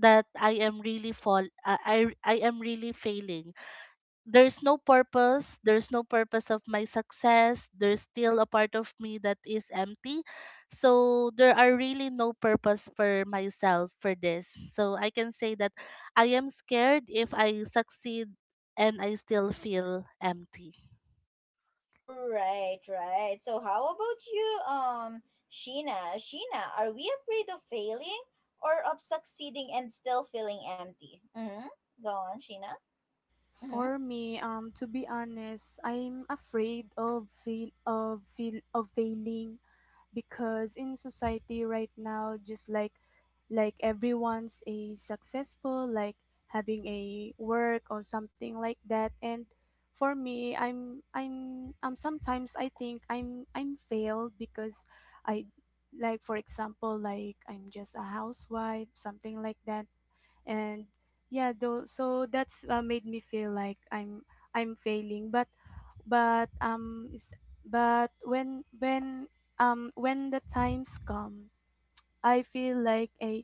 Speaker 3: that I am really fall I am really failing. There's no purpose of my success. There's still a part of me that is empty, so there are really no purpose for myself for this. So I can say that I am scared if I succeed and I still feel empty.
Speaker 1: Right, right. So how about you, Sheena? Sheena, are we afraid of failing or of succeeding and still feeling empty? Mm-hmm. Go on, Sheena. Mm-hmm.
Speaker 2: For me, to be honest, I'm afraid of of failing, because in society right now, just like everyone's a successful, like having a work or something like that. And for me, I'm sometimes I think I'm failed, because I like for example like I'm just a housewife, something like that, and yeah though, so that's, made me feel like I'm failing. But but um s- when when the times come, I feel like a,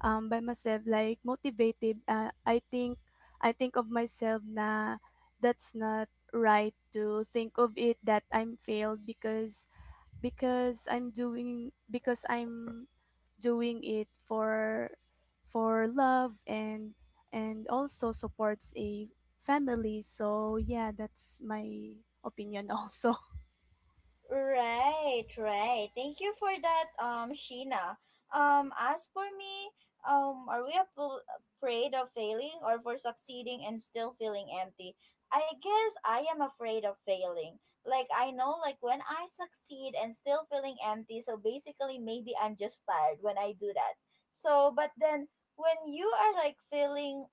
Speaker 2: by myself like motivated, I think of myself na, that's not right to think of it that I'm failed, because I'm doing it for love, and also supports a family. So yeah, that's my opinion also. *laughs*
Speaker 1: Right, right. Thank you for that, Sheena. As for me, um, are we ap- afraid of failing or for succeeding and still feeling empty? I guess I am afraid of failing. Like, I know, like, when I succeed and still feeling empty, so basically maybe I'm just tired when I do that. So, but then when you are like feeling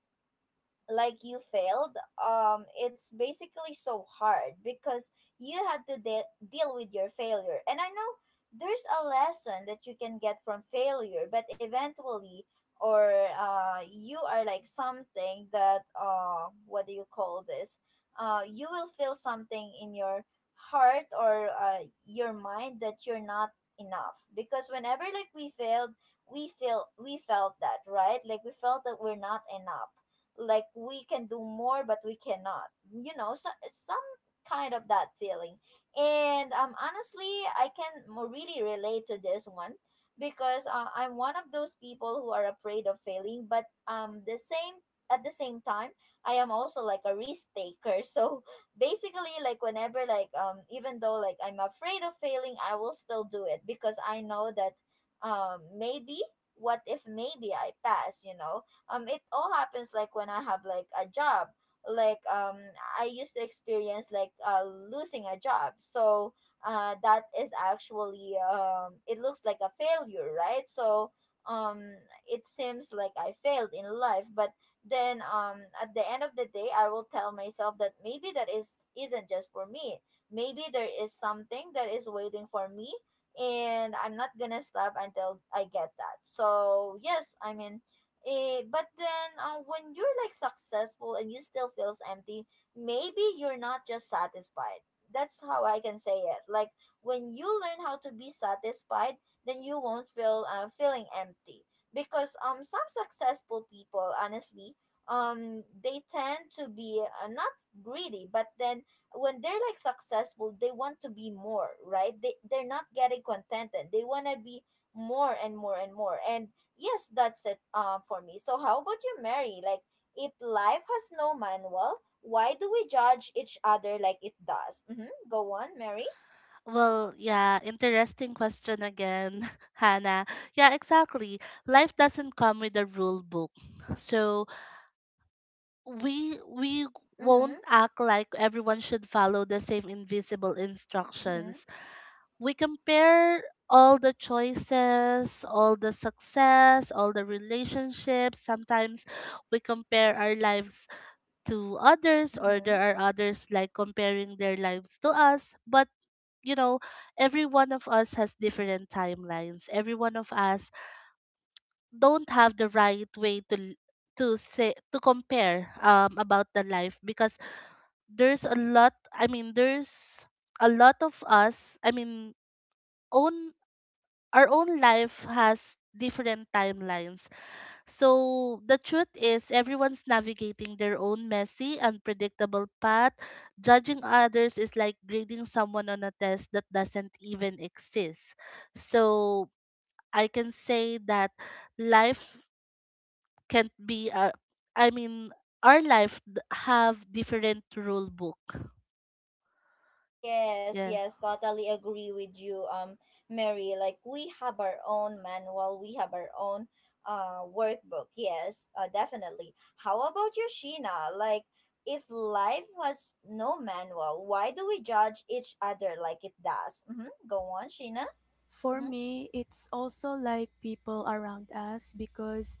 Speaker 1: like you failed, it's basically so hard because you have to deal with your failure. And I know there's a lesson that you can get from failure, but eventually, or you are like something that what do you call this, you will feel something in your heart or your mind that you're not enough. Because whenever like we failed, we felt that, right? Like we felt that we're not enough, like we can do more but we cannot, you know, so some kind of that feeling. And honestly I can really relate to this one because I'm one of those people who are afraid of failing. But the same at the same time I am also like a risk taker *laughs* so basically like whenever like, even though like I'm afraid of failing, I will still do it because I know that, maybe, what if maybe I pass, you know? It all happens like when I have like a job, like I used to experience like losing a job. So that is actually, it looks like a failure, right? So um it seems like I failed in life, but then at the end of the day I will tell myself that maybe that is isn't just for me, maybe there is something that is waiting for me, and I'm not gonna stop until I get that. So yes, I mean, eh, but then when you're like successful and you still feels empty, maybe you're not just satisfied. That's how I can say it. Like when you learn how to be satisfied, then you won't feeling empty, because some successful people, honestly, they tend to be not greedy, but then when they're like successful they want to be more, right? They're not getting contented, they want to be more and more and more. And yes, that's it, for me. So how about you, Mary? Like, if life has no manual, why do we judge each other like it does? Mm-hmm. Go on, Mary.
Speaker 3: Well, yeah, interesting question again, *laughs* Hannah. Yeah, exactly. Life doesn't come with a rule book, so we
Speaker 1: Mm-hmm.
Speaker 3: won't act like everyone should follow the same invisible
Speaker 1: Mm-hmm.
Speaker 3: instructions. We compare all the choices, all the success, all the relationships. Sometimes we compare our lives to others, or there
Speaker 1: Mm-hmm.
Speaker 3: are others like comparing their lives to us, but you know, every one of us has different timelines. Every one of us don't have the right way to l- to say to compare about the life, because there's a lot, I mean, there's a lot of us, i mean own our own life has different timelines. So the truth is everyone's navigating their own messy unpredictable path. Judging others is like grading someone on a test that doesn't even exist. So I can say that life can't be a, I mean our life have different rule book.
Speaker 1: Yes,
Speaker 3: Yeah.
Speaker 1: yes, totally agree with you, Mary. Like, we have our own manual, we have our own workbook. Yes, definitely. How about you, Sheena? Like, if life has no manual, why do we judge each other like it does? Mm-hmm. Go on, Sheena.
Speaker 2: For
Speaker 1: Mm-hmm.
Speaker 2: me, it's also like people around us, because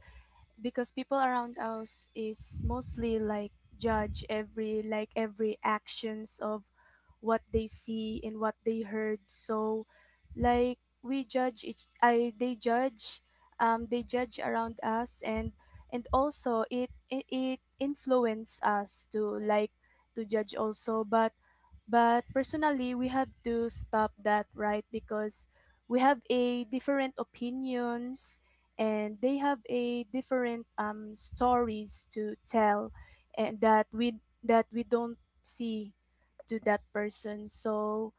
Speaker 2: people around us is mostly like judge every actions of what they see and what they heard. So like we judge each I they judge around us, and also it influence us to to judge also, but personally we have to stop that, right? Because we have a different opinions and they have a different, stories to tell, and that we don't see to that person. So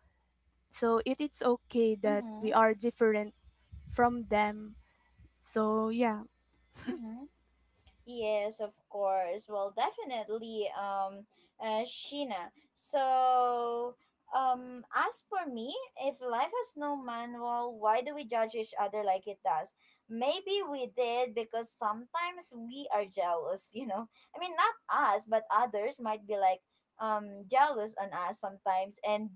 Speaker 2: it is okay that
Speaker 1: Mm-hmm.
Speaker 2: we are different from them. So yeah.
Speaker 1: Mm-hmm. Yes, of course. Well, definitely, Sheena. So, as for me, if life has no manual, why do we judge each other like it does? Maybe we did because sometimes we are jealous, *laughs* you know? I mean, not us, but others might be like, jealous on us sometimes. And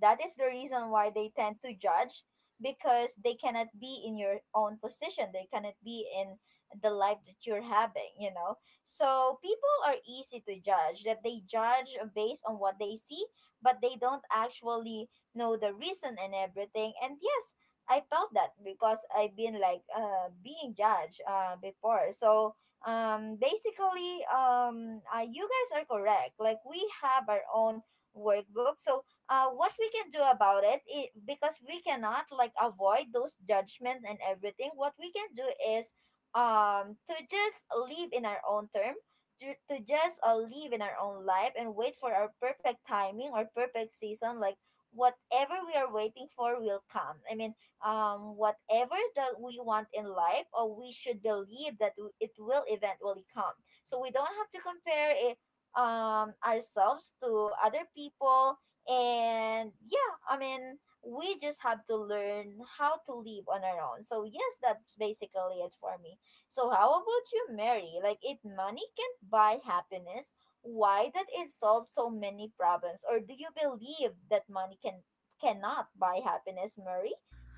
Speaker 1: that is the reason why they tend to judge, because they cannot be in your own position. They cannot be in the life that you're having, you know? So people are easy to judge, that they judge based on what they see, but they don't actually know the reason and everything. And yes, I felt that because I've been like being judged before. So basically you guys are correct, like we have our own workbook. So what we can do about it, because we cannot like avoid those judgment and everything. What we can do is to just live in our own term, to just live in our own life and wait for our perfect timing or perfect season, like whatever we are waiting for will come. I mean, whatever that we want in life, or we should believe that it will eventually come, so we don't have to compare it, ourselves to other people. And yeah, I mean, we just have to learn how to live on our own. So yes, that's basically it for me. So how about you, Mary? Like, if money can't buy happiness, why did it solve so many problems? Or do you believe that money can cannot buy happiness, Mary?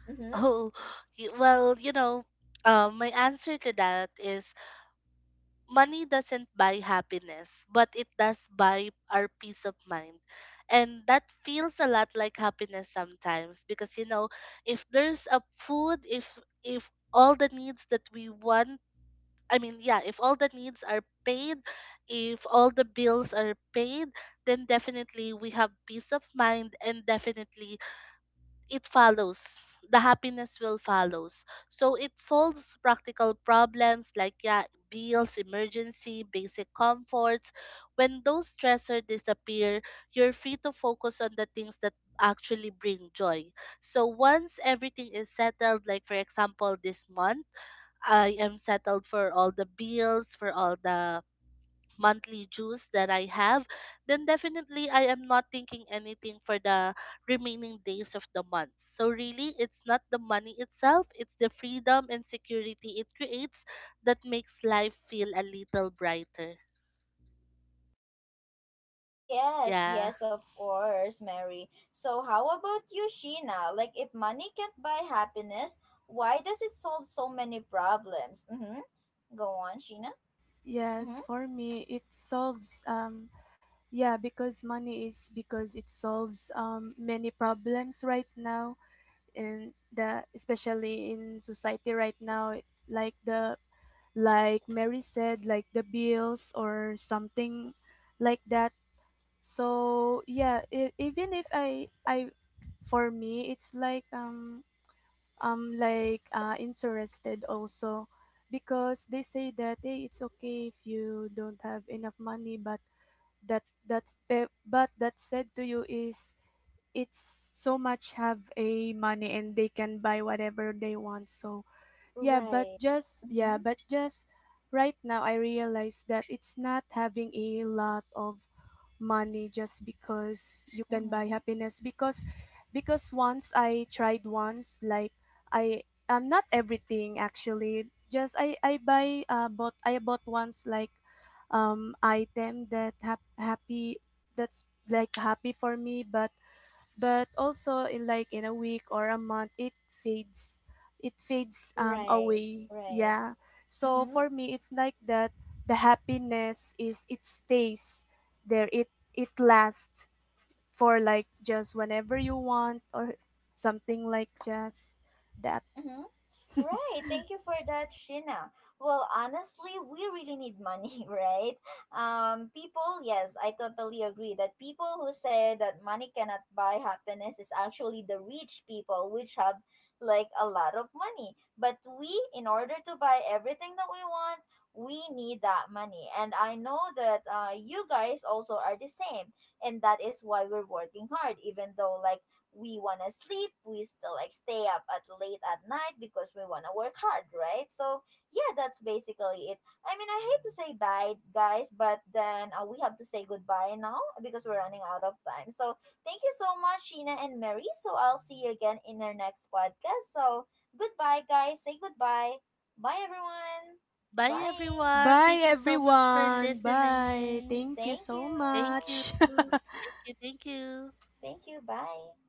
Speaker 1: Mm-hmm.
Speaker 3: Oh, well, you know, my answer to that is money doesn't buy happiness, but it does buy our peace of mind. And that feels a lot like happiness sometimes because, you know, if there's a food, if all the needs that we want, I mean, yeah, if all the needs are paid, if all the bills are paid, then definitely we have peace of mind, and definitely it follows, the happiness will follows. So it solves practical problems like, yeah, bills, emergency, basic comforts. When those stressors disappear, you're free to focus on the things that actually bring joy. So once everything is settled, like for example this month I am settled for all the bills, for all the monthly dues that I have, then definitely I am not thinking anything for the remaining days of the month. So really, it's not the money itself, it's the freedom and security it creates that makes life feel a little brighter.
Speaker 1: Yes,
Speaker 3: Yeah.
Speaker 1: yes, of course, Mary. So how about you, Sheena? Like, if money can't buy happiness, why does it solve so many problems? Mm-hmm. Go on, Sheena. Mm-hmm.
Speaker 2: Yes, for me it solves, yeah, because money is because it solves, many problems right now, in the, especially in society right now, like the like Mary said, like the bills or something like that. So yeah, even if I I for me it's like, like, interested also, because they say that hey, it's okay if you don't have enough money, but that's eh, but that said to you is it's so much have a money and they can buy whatever they want. So yeah, but
Speaker 1: Right.
Speaker 2: just,
Speaker 1: Mm-hmm.
Speaker 2: right now I realize that it's not having a lot of money just because you can buy
Speaker 1: Mm-hmm.
Speaker 2: happiness, because once I tried once, like I I'm not everything actually just I buy bought I bought once, like, item that happy, that's like happy for me, but also in like in a week or a month it fades,
Speaker 1: Right.
Speaker 2: away,
Speaker 1: Right.
Speaker 2: yeah. So
Speaker 1: Mm-hmm.
Speaker 2: for me it's like that, the happiness is it stays there, it lasts for like just whenever you want or something like just that.
Speaker 1: Mm-hmm. Right. Thank you for that, Shina. Well, honestly, we really need money, *laughs* right? People, yes, I totally agree that people who say that money cannot buy happiness is actually the rich people, which have like a lot of money. But we, in order to buy everything that we want, we need that money. And I know that you guys also are the same. And that is why we're working hard, even though, like, we want to sleep, we still like stay up at late at night because we want to work hard, right? So yeah, that's basically it. I mean, I hate to say bye guys, but then we have to say goodbye now because we're running out of time. So thank you so much, Sheena and Mary. So I'll see you again in our next podcast. So goodbye guys, say goodbye. Bye everyone.
Speaker 3: Bye
Speaker 1: Bye.
Speaker 3: everyone.
Speaker 2: Bye
Speaker 3: Thank you so much for
Speaker 2: everyone. Bye.
Speaker 3: listening.
Speaker 2: Thank you
Speaker 1: Thank you.
Speaker 2: so
Speaker 3: Thank you.
Speaker 2: much. *laughs*
Speaker 3: Thank you. Thank you.
Speaker 1: Thank you. Bye.